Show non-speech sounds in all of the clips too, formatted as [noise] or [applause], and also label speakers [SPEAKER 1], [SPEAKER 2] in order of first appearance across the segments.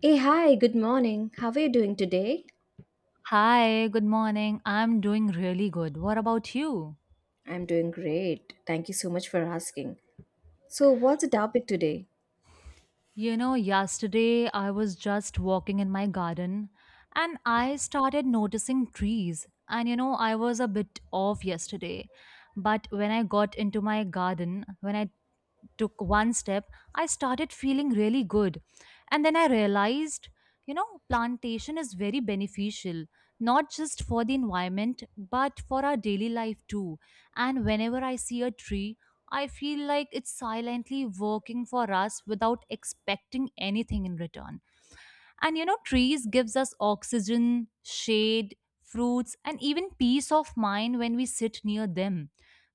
[SPEAKER 1] Hey, hi, good morning. How are you doing today?
[SPEAKER 2] Hi, good morning. I'm doing really good. What about you?
[SPEAKER 1] I'm doing great. Thank you so much for asking. So, what's the topic today?
[SPEAKER 2] You know, yesterday I was just walking in my garden and I started noticing trees. And you know, I was a bit off yesterday. But when I got into my garden, when I took one step, I started feeling really good. And then I realized, you know, plantation is very beneficial, not just for the environment, but for our daily life too. And whenever I see a tree, I feel like it's silently working for us without expecting anything in return. And you know, trees gives us oxygen, shade, fruits, and even peace of mind when we sit near them.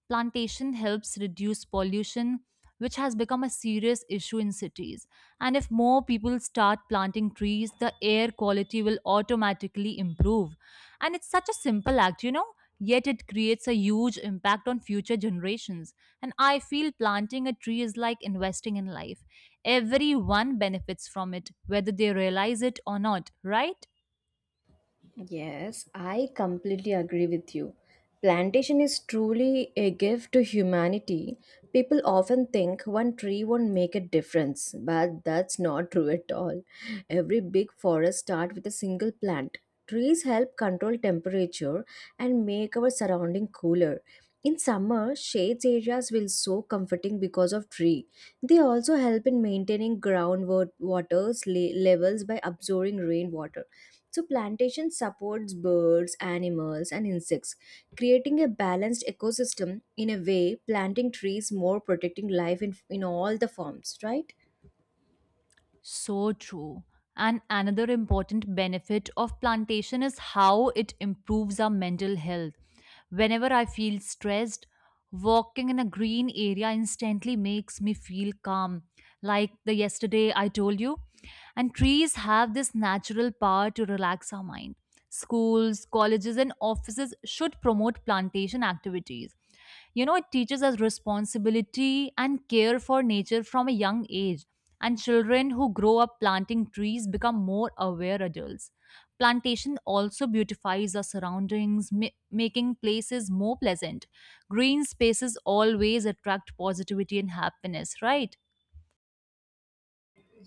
[SPEAKER 2] Plantation helps reduce pollution, which has become a serious issue in cities. And if more people start planting trees, the air quality will automatically improve. And it's such a simple act, you know, yet it creates a huge impact on future generations. And I feel planting a tree is like investing in life. Everyone benefits from it, whether they realize it or not, right?
[SPEAKER 1] Yes, I completely agree with you. Plantation is truly a gift to humanity. People often think one tree won't make a difference, but that's not true at all. Every big forest starts with a single plant. Trees help control temperature and make our surrounding cooler. In summer, shades areas will so comforting because of tree. They also help in maintaining groundwater levels by absorbing rainwater. So, plantation supports birds, animals, and insects, creating a balanced ecosystem in a way, planting trees more protecting life in all the forms, right?
[SPEAKER 2] So true. And another important benefit of plantation is how it improves our mental health. Whenever I feel stressed, walking in a green area instantly makes me feel calm, like the yesterday I told you. And trees have this natural power to relax our mind. Schools, colleges, and offices should promote plantation activities. You know, it teaches us responsibility and care for nature from a young age. And children who grow up planting trees become more aware adults. Plantation also beautifies our surroundings, making places more pleasant. Green spaces always attract positivity and happiness, right?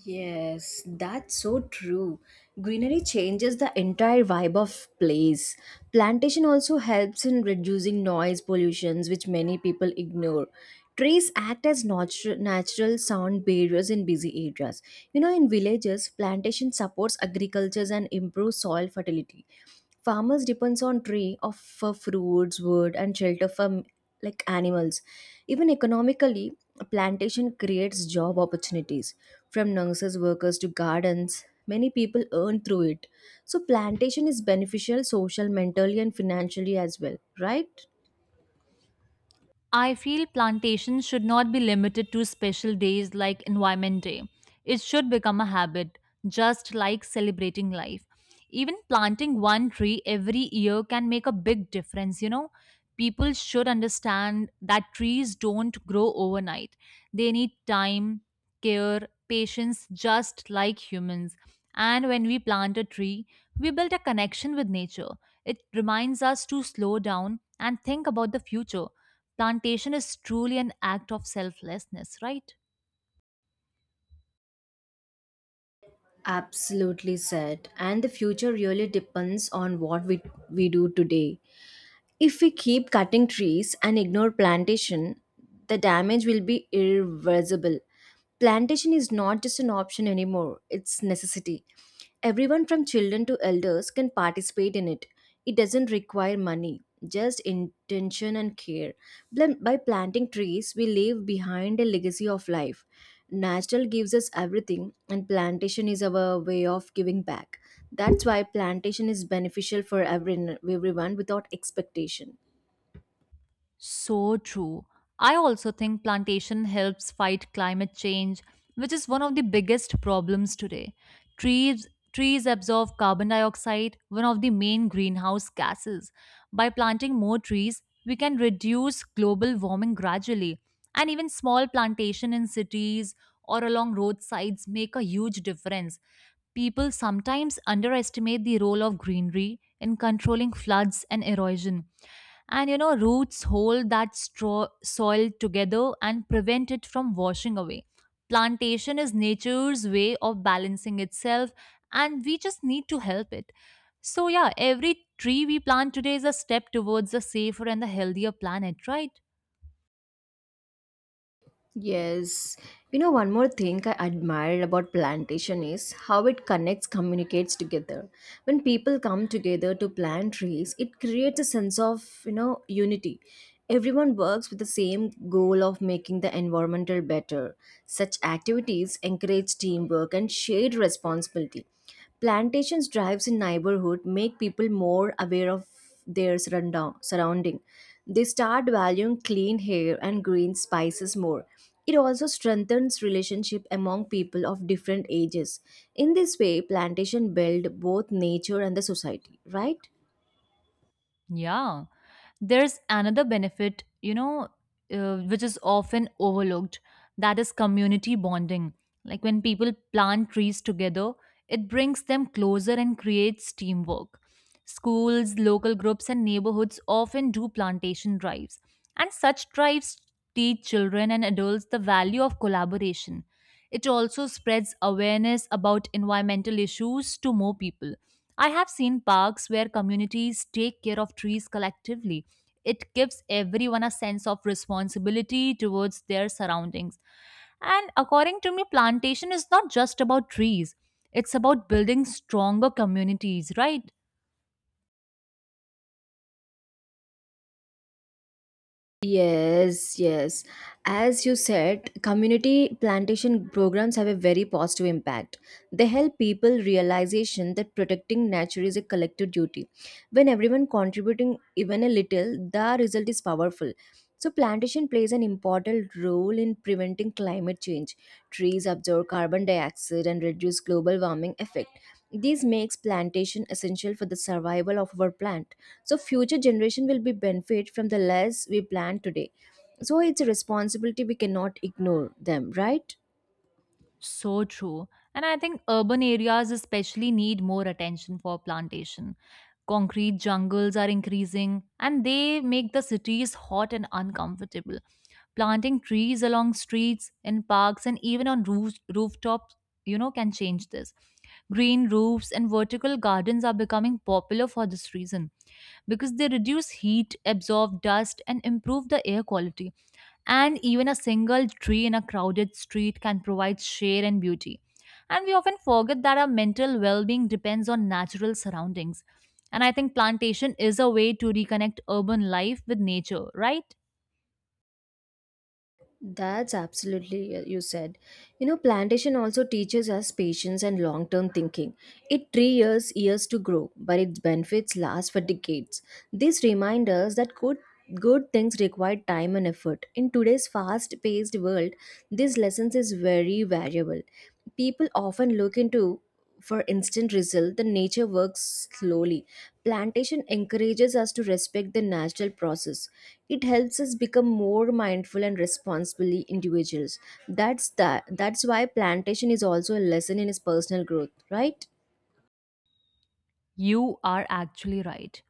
[SPEAKER 1] Yes, that's so true. Greenery changes the entire vibe of place. Plantation also helps in reducing noise pollutions which many people ignore. Trees act as natural sound barriers in busy areas. In villages, plantation supports agriculture and improves soil fertility. Farmers depends on tree of for fruits wood and shelter for like animals. Even economically, plantation creates job opportunities. From nurses workers to gardens, many people earn through it. So plantation is beneficial social mentally and financially as well, right?
[SPEAKER 2] I feel plantations should not be limited to special days like Environment Day. It should become a habit, just like celebrating life. Even planting one tree every year can make a big difference, you know. People should understand that trees don't grow overnight. They need time, care, patience, just like humans. And when we plant a tree, we build a connection with nature. It reminds us to slow down and think about the future. Plantation is truly an act of selflessness, right?
[SPEAKER 1] Absolutely said. And the future really depends on what we do today. If we keep cutting trees and ignore plantation, the damage will be irreversible. Plantation is not just an option anymore, it's necessity. Everyone from children to elders can participate in it. It doesn't require money, just intention and care. By planting trees, we leave behind a legacy of life. Natural gives us everything, and plantation is our way of giving back. That's why plantation is beneficial for everyone, everyone without expectation.
[SPEAKER 2] So true. I also think plantation helps fight climate change, which is one of the biggest problems today. Trees trees absorb carbon dioxide, one of the main greenhouse gases. By planting more trees, we can reduce global warming gradually. And even small plantation in cities or along roadsides make a huge difference. People sometimes underestimate the role of greenery in controlling floods and erosion. And you know, roots hold that straw soil together and prevent it from washing away. Plantation is nature's way of balancing itself, and we just need to help it. So, yeah, every tree we plant today is a step towards a safer and a healthier planet, right?
[SPEAKER 1] Yes. One more thing I admired about plantation is how it connects, communicates together. When people come together to plant trees, it creates a sense of, unity. Everyone works with the same goal of making the environmental better. Such activities encourage teamwork and shared responsibility. Plantations drives in neighborhood make people more aware of their surrounding. They start valuing clean air and green spices more. It also strengthens relationship among people of different ages. In this way, plantation build both nature and the society, right?
[SPEAKER 2] Yeah. There's another benefit, you know, which is often overlooked, that is community bonding. Like when people plant trees together, it brings them closer and creates teamwork. Schools, local groups, and neighborhoods often do plantation drives. And such drives teach children and adults the value of collaboration. It also spreads awareness about environmental issues to more people. I have seen parks where communities take care of trees collectively. It gives everyone a sense of responsibility towards their surroundings. And according to me, plantation is not just about trees, it's about building stronger communities, right?
[SPEAKER 1] Yes, yes. As you said, community plantation programs have a very positive impact. They help people realization that protecting nature is a collective duty. When everyone contributing even a little, the result is powerful. So plantation plays an important role in preventing climate change. Trees absorb carbon dioxide and reduce global warming effect. This makes plantation essential for the survival of our plant. So future generation will be benefit from the less we plant today. So it's a responsibility we cannot ignore them, right?
[SPEAKER 2] So true. And I think urban areas especially need more attention for plantation. Concrete jungles are increasing and they make the cities hot and uncomfortable. Planting trees along streets, in parks, and even on roofs, rooftops, you know, can change this. Green roofs and vertical gardens are becoming popular for this reason because they reduce heat, absorb dust, and improve the air quality. And even a single tree in a crowded street can provide shade and beauty. And we often forget that our mental well being depends on natural surroundings. And I think plantation is a way to reconnect urban life with nature, right?
[SPEAKER 1] That's absolutely, you said. Plantation also teaches us patience and long term thinking. It three years to grow, but its benefits last for decades. This reminds us that good things require time and effort. In today's fast paced world, this lessons is very valuable. People often look into for instant result. The nature works slowly. Plantation encourages us to respect the natural process. It helps us become more mindful and responsibly individuals. That's why plantation is also a lesson in his personal growth, right?
[SPEAKER 2] You are actually right.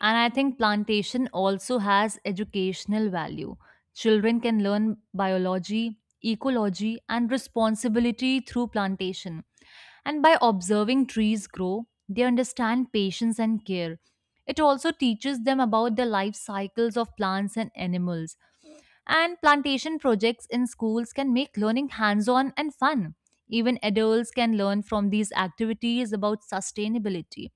[SPEAKER 2] And I think plantation also has educational value. Children can learn biology, ecology, and responsibility through plantation. And by observing trees grow, they understand patience and care. It also teaches them about the life cycles of plants and animals. And plantation projects in schools can make learning hands on and fun. Even adults can learn from these activities about sustainability.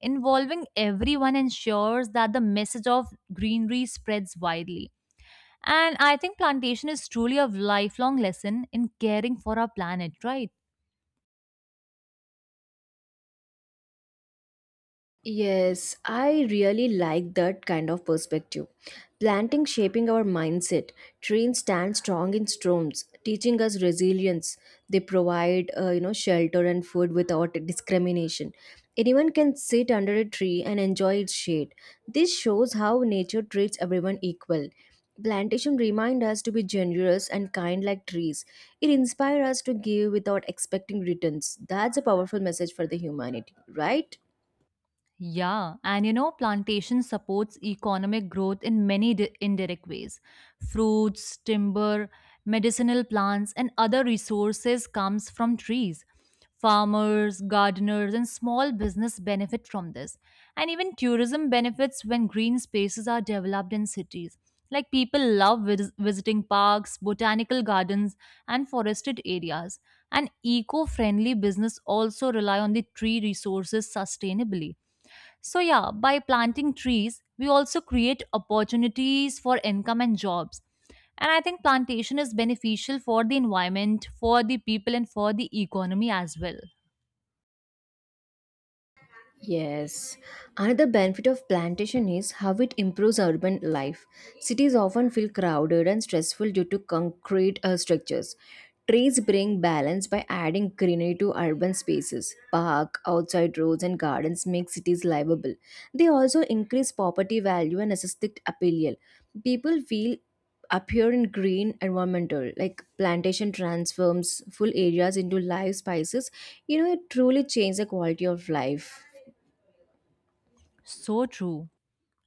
[SPEAKER 2] Involving everyone ensures that the message of greenery spreads widely. And I think plantation is truly a lifelong lesson in caring for our planet, right?
[SPEAKER 1] Yes, I really like that kind of perspective. Planting shaping our mindset. Trees stand strong in storms, teaching us resilience. They provide, shelter and food without discrimination. Anyone can sit under a tree and enjoy its shade. This shows how nature treats everyone equal. Plantation remind us to be generous and kind like trees. It inspires us to give without expecting returns. That's a powerful message for the humanity, right?
[SPEAKER 2] Yeah, and you know, plantation supports economic growth in many indirect ways. Fruits, timber, medicinal plants, and other resources comes from trees. Farmers, gardeners, and small business benefit from this. And even tourism benefits when green spaces are developed in cities. Like people love visiting parks, botanical gardens, and forested areas. And eco-friendly business also rely on the tree resources sustainably. So, yeah, by planting trees, we also create opportunities for income and jobs. And I think plantation is beneficial for the environment, for the people, and for the economy as well.
[SPEAKER 1] Yes. Another benefit of plantation is how it improves urban life. Cities often feel crowded and stressful due to concrete structures. Trees bring balance by adding greenery to urban spaces. Park, outside roads, and gardens make cities livable. They also increase property value and aesthetic appeal. People feel appear in green environmental like plantation transforms full areas into live spaces. It truly changes the quality of life.
[SPEAKER 2] So true.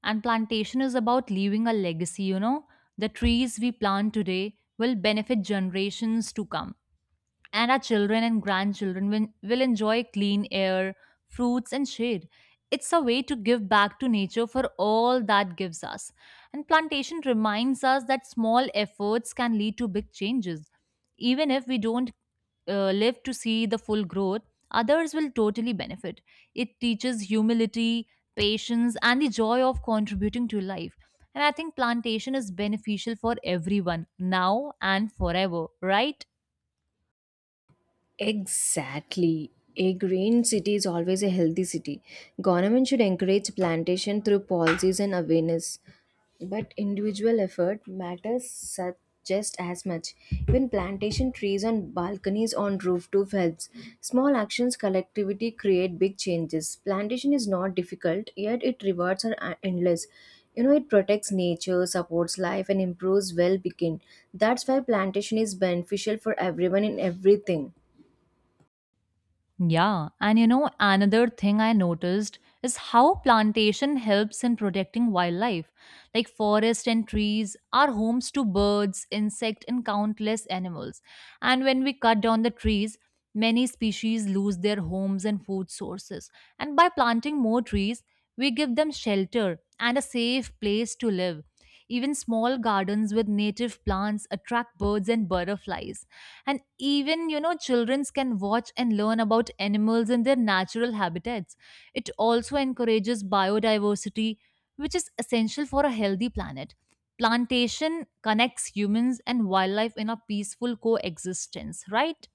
[SPEAKER 2] And plantation is about leaving a legacy, you know. The trees we plant today will benefit generations to come. And our children and grandchildren will enjoy clean air, fruits, and shade. It's a way to give back to nature for all that gives us. And plantation reminds us that small efforts can lead to big changes. Even if we don't live to see the full growth, others will totally benefit. It teaches humility, patience, and the joy of contributing to life. And I think plantation is beneficial for everyone now and forever, right?
[SPEAKER 1] Exactly. A green city is always a healthy city. Government should encourage plantation through policies and awareness. But individual effort matters such just as much. Even plantation trees on balconies on rooftop helps. Small actions collectivity create big changes. Plantation is not difficult, yet its rewards are endless. It protects nature, supports life, and improves well-being. That's why plantation is beneficial for everyone in everything.
[SPEAKER 2] Yeah, and you know, another thing I noticed is how plantation helps in protecting wildlife. Like forest and trees are homes to birds, insect and countless animals. And when we cut down the trees, many species lose their homes and food sources. And by planting more trees, we give them shelter and a safe place to live. Even small gardens with native plants attract birds and butterflies, and even, you know, children can watch and learn about animals in their natural habitats. It also encourages biodiversity, which is essential for a healthy planet. Plantation connects humans and wildlife in a peaceful coexistence, right?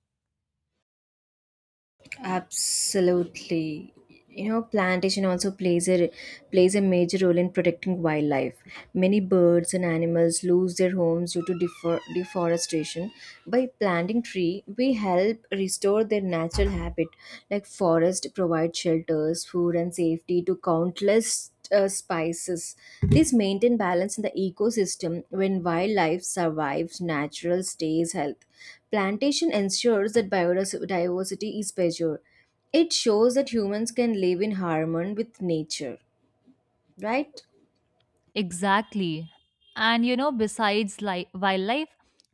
[SPEAKER 1] Absolutely. Plantation also plays a major role in protecting wildlife. Many birds and animals lose their homes due to deforestation. By planting tree, we help restore their natural habitat. Like forest provide shelters, food, and safety to countless spices. This maintain balance in the ecosystem. When wildlife survives, natural stays health. Plantation ensures that biodiversity is preserved. It shows that humans can live in harmony with nature, right?
[SPEAKER 2] Exactly. And you know, besides wildlife,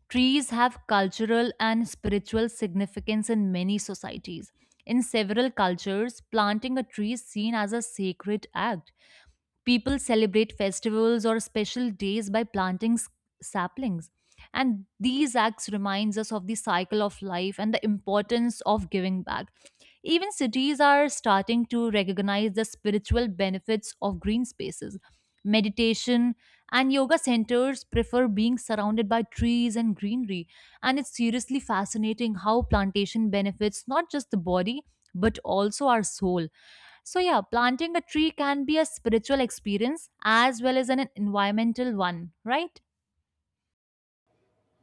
[SPEAKER 2] trees have cultural and spiritual significance in many societies. In several cultures, planting a tree is seen as a sacred act. People celebrate festivals or special days by planting saplings. And these acts reminds us of the cycle of life and the importance of giving back. Even cities are starting to recognize the spiritual benefits of green spaces. Meditation and yoga centers prefer being surrounded by trees and greenery. And it's seriously fascinating how plantation benefits not just the body but also our soul. So, yeah, planting a tree can be a spiritual experience as well as an environmental one, right?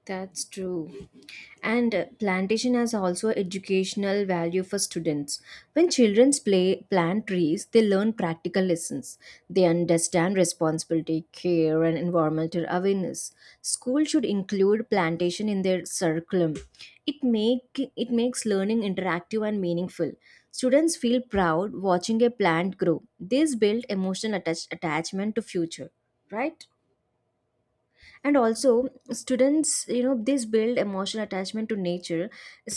[SPEAKER 1] That's true. And plantation has also educational value for students. When children play plant trees, they learn practical lessons. They understand responsibility, care, and environmental awareness. School should include plantation in their curriculum. It makes learning interactive and meaningful. Students feel proud watching a plant grow. This build emotional attachment to future, right? And also students, this build emotional attachment to nature.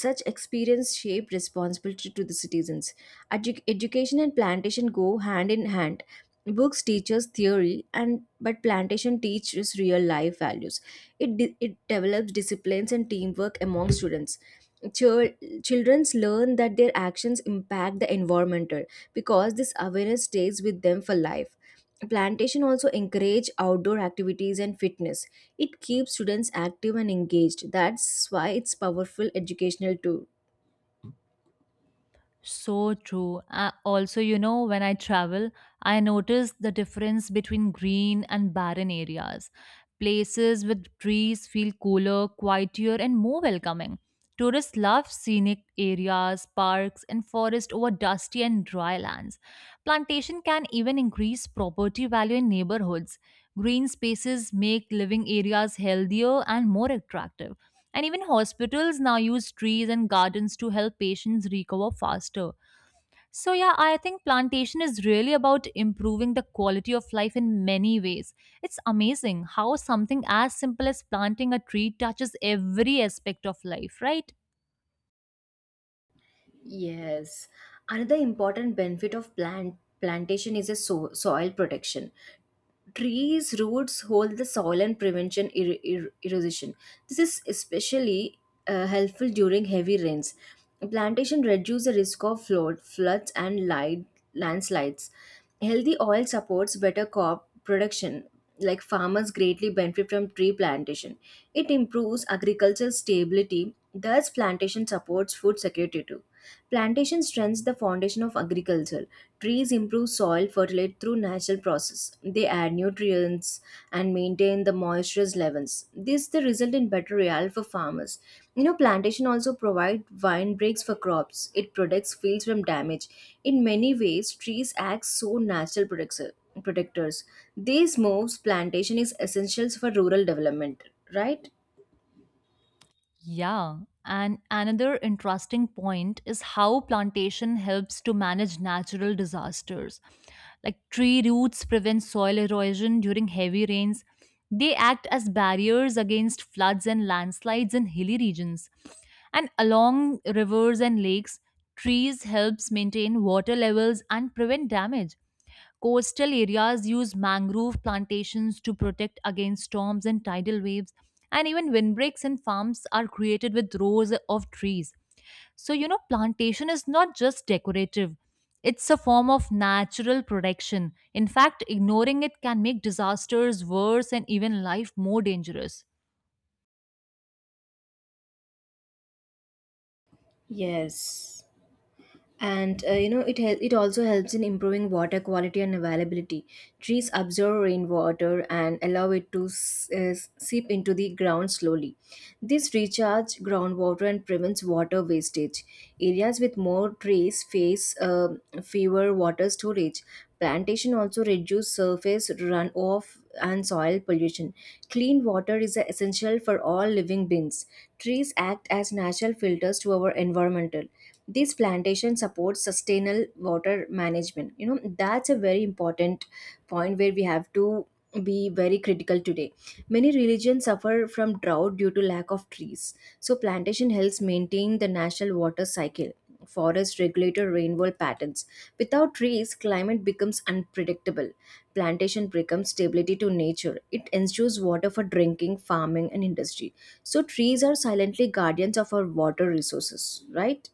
[SPEAKER 1] Such experience shape responsibility to the citizens. Education and plantation go hand in hand. Books teach us theory and but plantation teaches real life values. It develops disciplines and teamwork among students. Chil- Children's learn that their actions impact the environmental because this awareness stays with them for life. Plantation also encourage outdoor activities and fitness. It keeps students active and engaged. That's why it's powerful educational tool.
[SPEAKER 2] So true. Also, you know, when I travel, I notice the difference between green and barren areas. Places with trees feel cooler, quieter, and more welcoming. Tourists love scenic areas, parks, and forest over dusty and dry lands. Plantation can even increase property value in neighborhoods. Green spaces make living areas healthier and more attractive. And even hospitals now use trees and gardens to help patients recover faster. So, yeah, I think plantation is really about improving the quality of life in many ways. It's amazing how something as simple as planting a tree touches every aspect of life, right?
[SPEAKER 1] Yes. Another important benefit of plantation is a soil protection. Trees roots hold the soil and prevention erosion. This is especially helpful during heavy rains. Plantation reduce the risk of floods and light, landslides. Healthy soil supports better crop production. Like farmers greatly benefit from tree plantation. It improves agricultural stability. Thus plantation supports food security too. Plantation strengthens the foundation of agriculture. Trees improve soil fertility through natural process. They add nutrients and maintain the moisture levels. This the result in better real for farmers. Plantation also provide wind breaks for crops. It protects fields from damage. In many ways, trees act so natural protectors. These moves plantation is essentials for rural development, right?
[SPEAKER 2] Yeah, and another interesting point is how plantation helps to manage natural disasters. Like tree roots prevent soil erosion during heavy rains. They act as barriers against floods and landslides in hilly regions. And along rivers and lakes, trees helps maintain water levels and prevent damage. Coastal areas use mangrove plantations to protect against storms and tidal waves, and even windbreaks in farms are created with rows of trees. So, you know, plantation is not just decorative, it's a form of natural protection. In fact, ignoring it can make disasters worse and even life more dangerous.
[SPEAKER 1] Yes. And it also helps in improving water quality and availability. Trees absorb rainwater and allow it to seep into the ground slowly. This recharge groundwater and prevents water wastage. Areas with more trees face fewer water storage. Plantation also reduces surface runoff and soil pollution. Clean water is essential for all living beings. Trees act as natural filters to our environmental. These plantations support sustainable water management. That's a very important point where we have to be very critical today. Many religions suffer from drought due to lack of trees. So plantation helps maintain the natural water cycle. Forests regulate rainfall patterns. Without trees, climate becomes unpredictable. Plantation becomes stability to nature. It ensures water for drinking, farming, and industry. So trees are silently guardians of our water resources, right?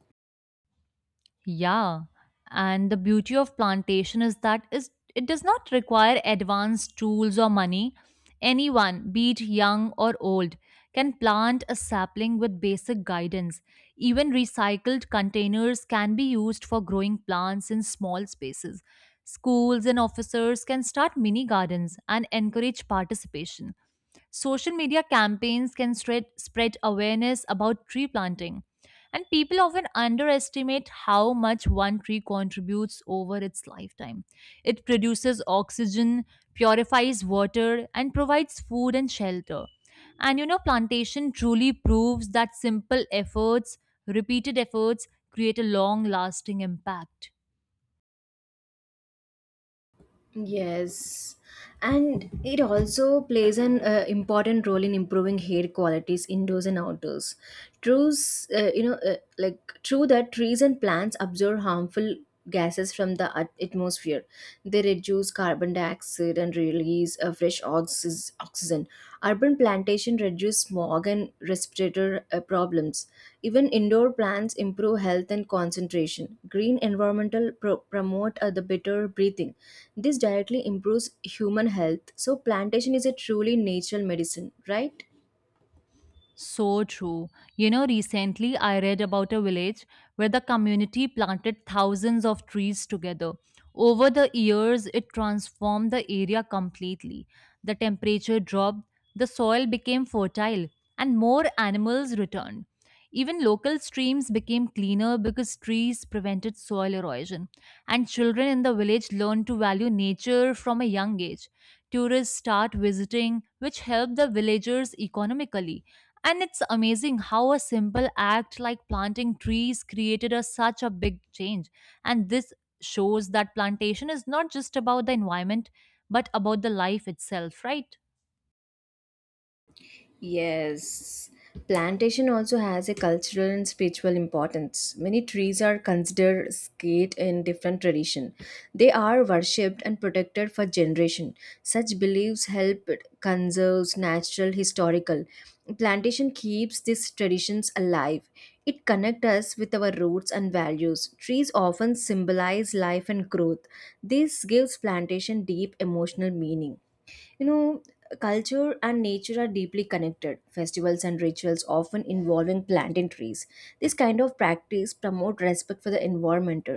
[SPEAKER 2] Yeah, and the beauty of plantation is that is it does not require advanced tools or money. Anyone, be it young or old, can plant a sapling with basic guidance. Even recycled containers can be used for growing plants in small spaces. Schools and officers can start mini gardens and encourage participation. Social media campaigns can spread awareness about tree planting. And people often underestimate how much one tree contributes over its lifetime. It produces oxygen, purifies water, and provides food and shelter. And you know, plantation truly proves that simple efforts, repeated efforts, create a long lasting impact.
[SPEAKER 1] Yes, and it also plays an important role in improving hair qualities indoors and outdoors. Like true that trees and plants absorb harmful gases from the atmosphere. They reduce carbon dioxide and release fresh oxygen. Urban plantation reduce smog and respiratory problems. Even indoor plants improve health and concentration. Green environmental promote the better breathing. This directly improves human health. So plantation is a truly natural medicine, right?
[SPEAKER 2] So true. You know, recently I read about a village where the community planted thousands of trees together. Over the years, it transformed the area completely. The temperature dropped, the soil became fertile, and more animals returned. Even local streams became cleaner because trees prevented soil erosion. And children in the village learned to value nature from a young age. Tourists start visiting, which helped the villagers economically, and it's amazing how a simple act like planting trees created such a big change. And this shows that plantation is not just about the environment, but about the life itself, right?
[SPEAKER 1] Yes, plantation also has a cultural and spiritual importance. Many trees are considered sacred in different tradition. They are worshipped and protected for generation. Such beliefs help conserves natural historical. Plantation keeps these traditions alive. It connects us with our roots and values. Trees often symbolize life and growth. This gives plantation deep emotional meaning. You know, Culture and nature are deeply connected. Festivals and rituals often involving planting trees. This kind of practice promote respect for the environment.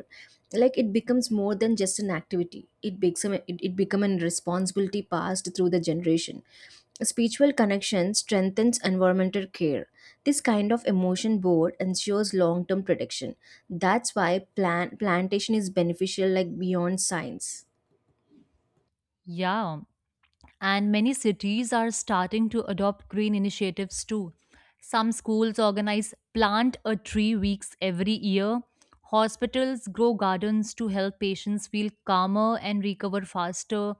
[SPEAKER 1] Like it becomes more than just an activity. It become a responsibility passed through the generation. Spiritual connection strengthens environmental care. This kind of emotion board ensures long-term protection. That's why plantation is beneficial like beyond science.
[SPEAKER 2] Yeah, and many cities are starting to adopt green initiatives too. Some schools organize plant a tree weeks every year. Hospitals grow gardens to help patients feel calmer and recover faster.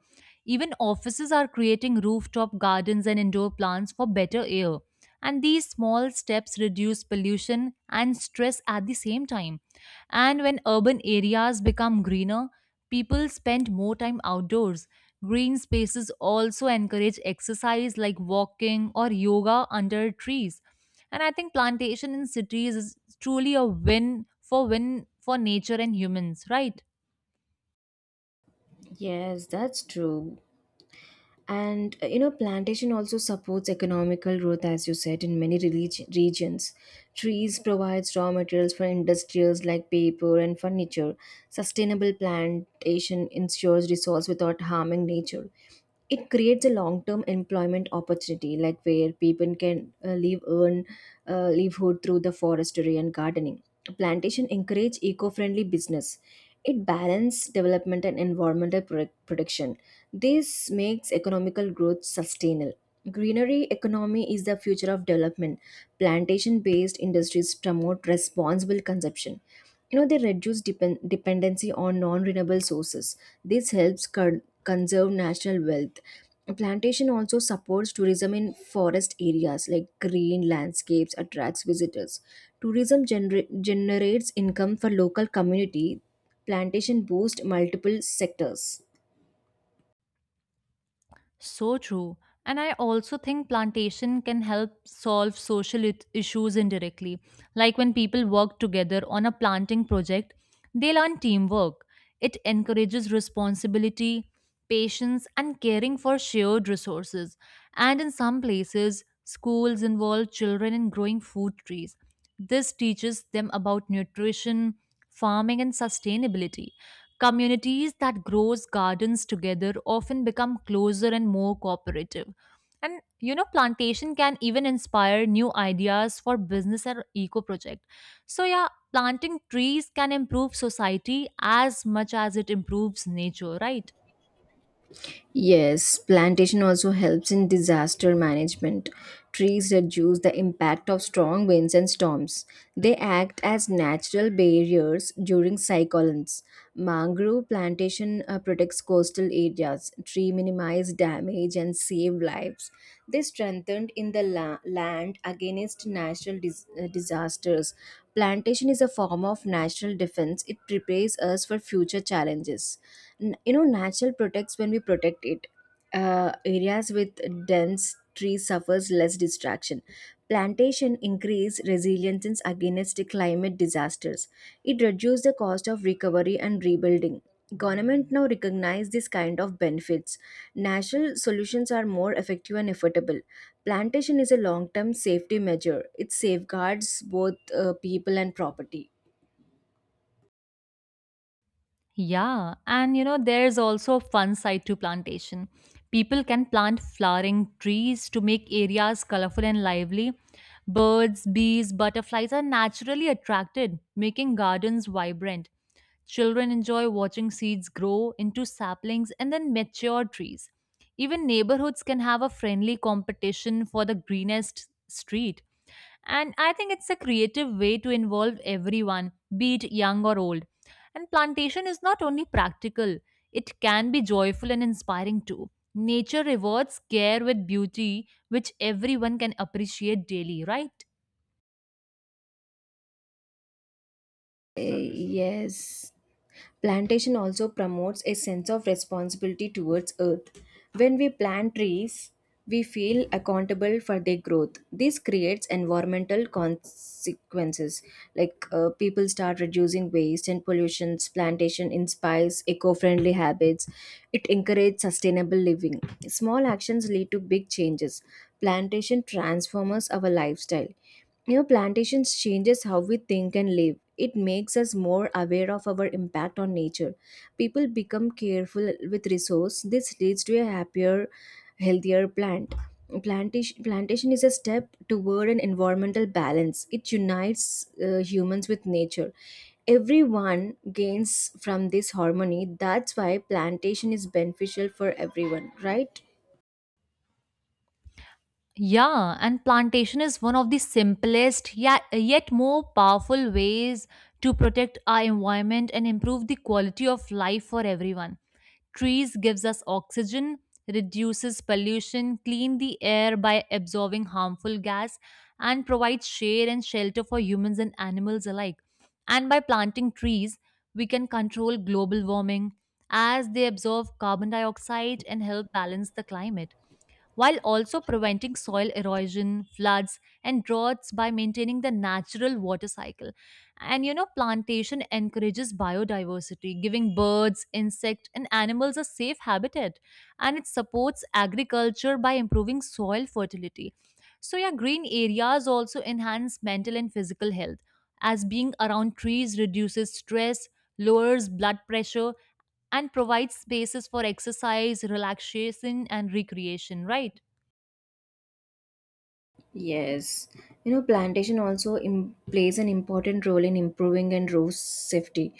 [SPEAKER 2] Even offices are creating rooftop gardens and indoor plants for better air. And these small steps reduce pollution and stress at the same time. And when urban areas become greener, people spend more time outdoors. Green spaces also encourage exercise like walking or yoga under trees. And I think plantation in cities is truly a win for nature and humans, right?
[SPEAKER 1] Yes, that's true. And plantation also supports economical growth as you said in many regions. Trees provides raw materials for industries like paper and furniture. Sustainable plantation ensures resource without harming nature. It creates a long-term employment opportunity like where people can live earn livelihood through the forestry and gardening. Plantation encourage eco-friendly business. It balance development and environmental protection. This makes economical growth sustainable. Greenery economy is the future of development. Plantation based industries promote responsible consumption. They reduce dependency on non-renewable sources. This helps conserve national wealth. A plantation also supports tourism in forest areas like green landscapes attracts visitors. Tourism generates income for local community. Plantation boosts multiple sectors.
[SPEAKER 2] So true. And I also think plantation can help solve social issues indirectly. Like when people work together on a planting project, they learn teamwork. It encourages responsibility, patience, and caring for shared resources. And in some places, schools involve children in growing food trees. This teaches them about nutrition, farming, and sustainability. Communities that grows gardens together often become closer and more cooperative. And you know, plantation can even inspire new ideas for business and eco project. So yeah, planting trees can improve society as much as it improves nature, right?
[SPEAKER 1] Yes, plantation also helps in disaster management. Trees reduce the impact of strong winds and storms. They act as natural barriers during cyclones. Mangrove plantation protects coastal areas. Tree minimize damage and save lives. They strengthened in the land against natural disasters. Plantation is a form of national defense. It prepares us for future challenges. Natural protects when we protect it. Areas with dense trees suffers less distraction. Plantation increase resilience against climate disasters. It reduces the cost of recovery and rebuilding. Government now recognize this kind of benefits. Natural solutions are more effective and affordable. Plantation is a long term safety measure. It safeguards both people and property.
[SPEAKER 2] Yeah, and you know, there's also a fun side to plantation. People can plant flowering trees to make areas colorful and lively. Birds, bees, butterflies are naturally attracted, making gardens vibrant. Children enjoy watching seeds grow into saplings and then mature trees. Even neighborhoods can have a friendly competition for the greenest street. And I think it's a creative way to involve everyone, be it young or old. And plantation is not only practical, it can be joyful and inspiring too. Nature rewards care with beauty, which everyone can appreciate daily, right?
[SPEAKER 1] Uh, yes. Plantation also promotes a sense of responsibility towards earth. When we plant trees, we feel accountable for their growth. This creates environmental consequences, like people start reducing waste and pollutions. Plantation inspires eco-friendly habits. It encourages sustainable living. Small actions lead to big changes. Plantation transforms our lifestyle. New plantations changes how we think and live. It makes us more aware of our impact on nature. People become careful with resource. This leads to a happier, healthier plant. Plantation is a step toward an environmental balance. It unites humans with nature. Everyone gains from this harmony. That's why plantation is beneficial for everyone, right?
[SPEAKER 2] Yeah, and plantation is one of the simplest yet more powerful ways to protect our environment and improve the quality of life for everyone. Trees gives us oxygen, reduces pollution, clean the air by absorbing harmful gas and provides shade and shelter for humans and animals alike. And by planting trees, we can control global warming as they absorb carbon dioxide and help balance the climate while also preventing soil erosion, floods, and droughts by maintaining the natural water cycle. And you know, plantation encourages biodiversity, giving birds, insects, and animals a safe habitat. And it supports agriculture by improving soil fertility. So, yeah, green areas also enhance mental and physical health, as being around trees reduces stress, lowers blood pressure, and provides spaces for exercise, relaxation, and recreation, right?
[SPEAKER 1] Yes, plantation also plays an important role in improving and road safety.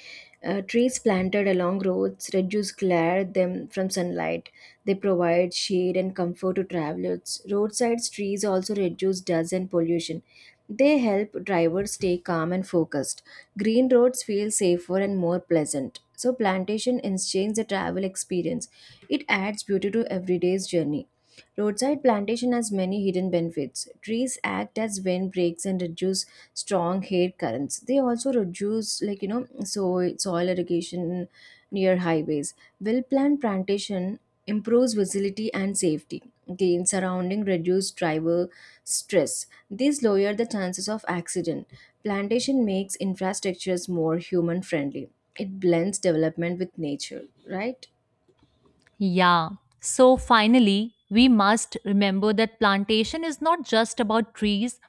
[SPEAKER 1] Trees planted along roads reduce glare them from sunlight. They provide shade and comfort to travelers. Roadside trees also reduce dust and pollution. They help drivers stay calm and focused. Green roads feel safer and more pleasant. So plantation enhances the travel experience. It adds beauty to everyday's journey. Roadside plantation has many hidden benefits. Trees act as wind breaks and reduce strong air currents. They also reduce, so soil irrigation near highways. Well-planned plantation improves visibility and safety. Gain surrounding reduce driver stress. These lower the chances of accident. Plantation makes infrastructures more human friendly. It blends development with nature, right?
[SPEAKER 2] Yeah. So finally, we must remember that plantation is not just about trees,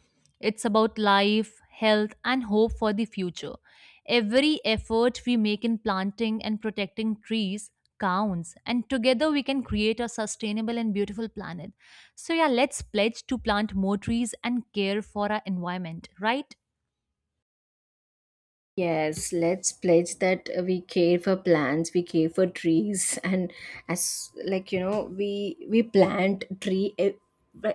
[SPEAKER 2] it's about life, health, and hope for the future. Every effort we make in planting and protecting trees counts, and together we can create a sustainable and beautiful planet. So, yeah, let's pledge to plant more trees and care for our environment, right?
[SPEAKER 1] Yes, let's pledge that we care for plants, we care for trees, [laughs] and as like we plant tree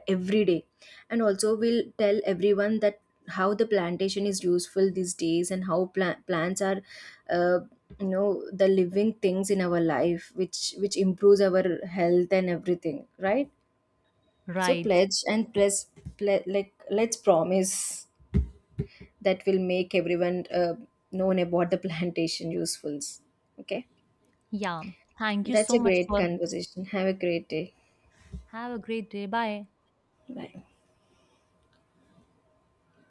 [SPEAKER 1] every day, and also we'll tell everyone that how the plantation is useful these days and how plants are, uh, the living things in our life, which improves our health and everything, right? So
[SPEAKER 2] Right.
[SPEAKER 1] pledge and plus, like let's promise that will make everyone known about the plantation usefuls. Okay,
[SPEAKER 2] Yeah. Thank you
[SPEAKER 1] that's a
[SPEAKER 2] so much
[SPEAKER 1] great
[SPEAKER 2] for.
[SPEAKER 1] conversation. Have a great day.
[SPEAKER 2] Have a great day. Bye.
[SPEAKER 1] Bye.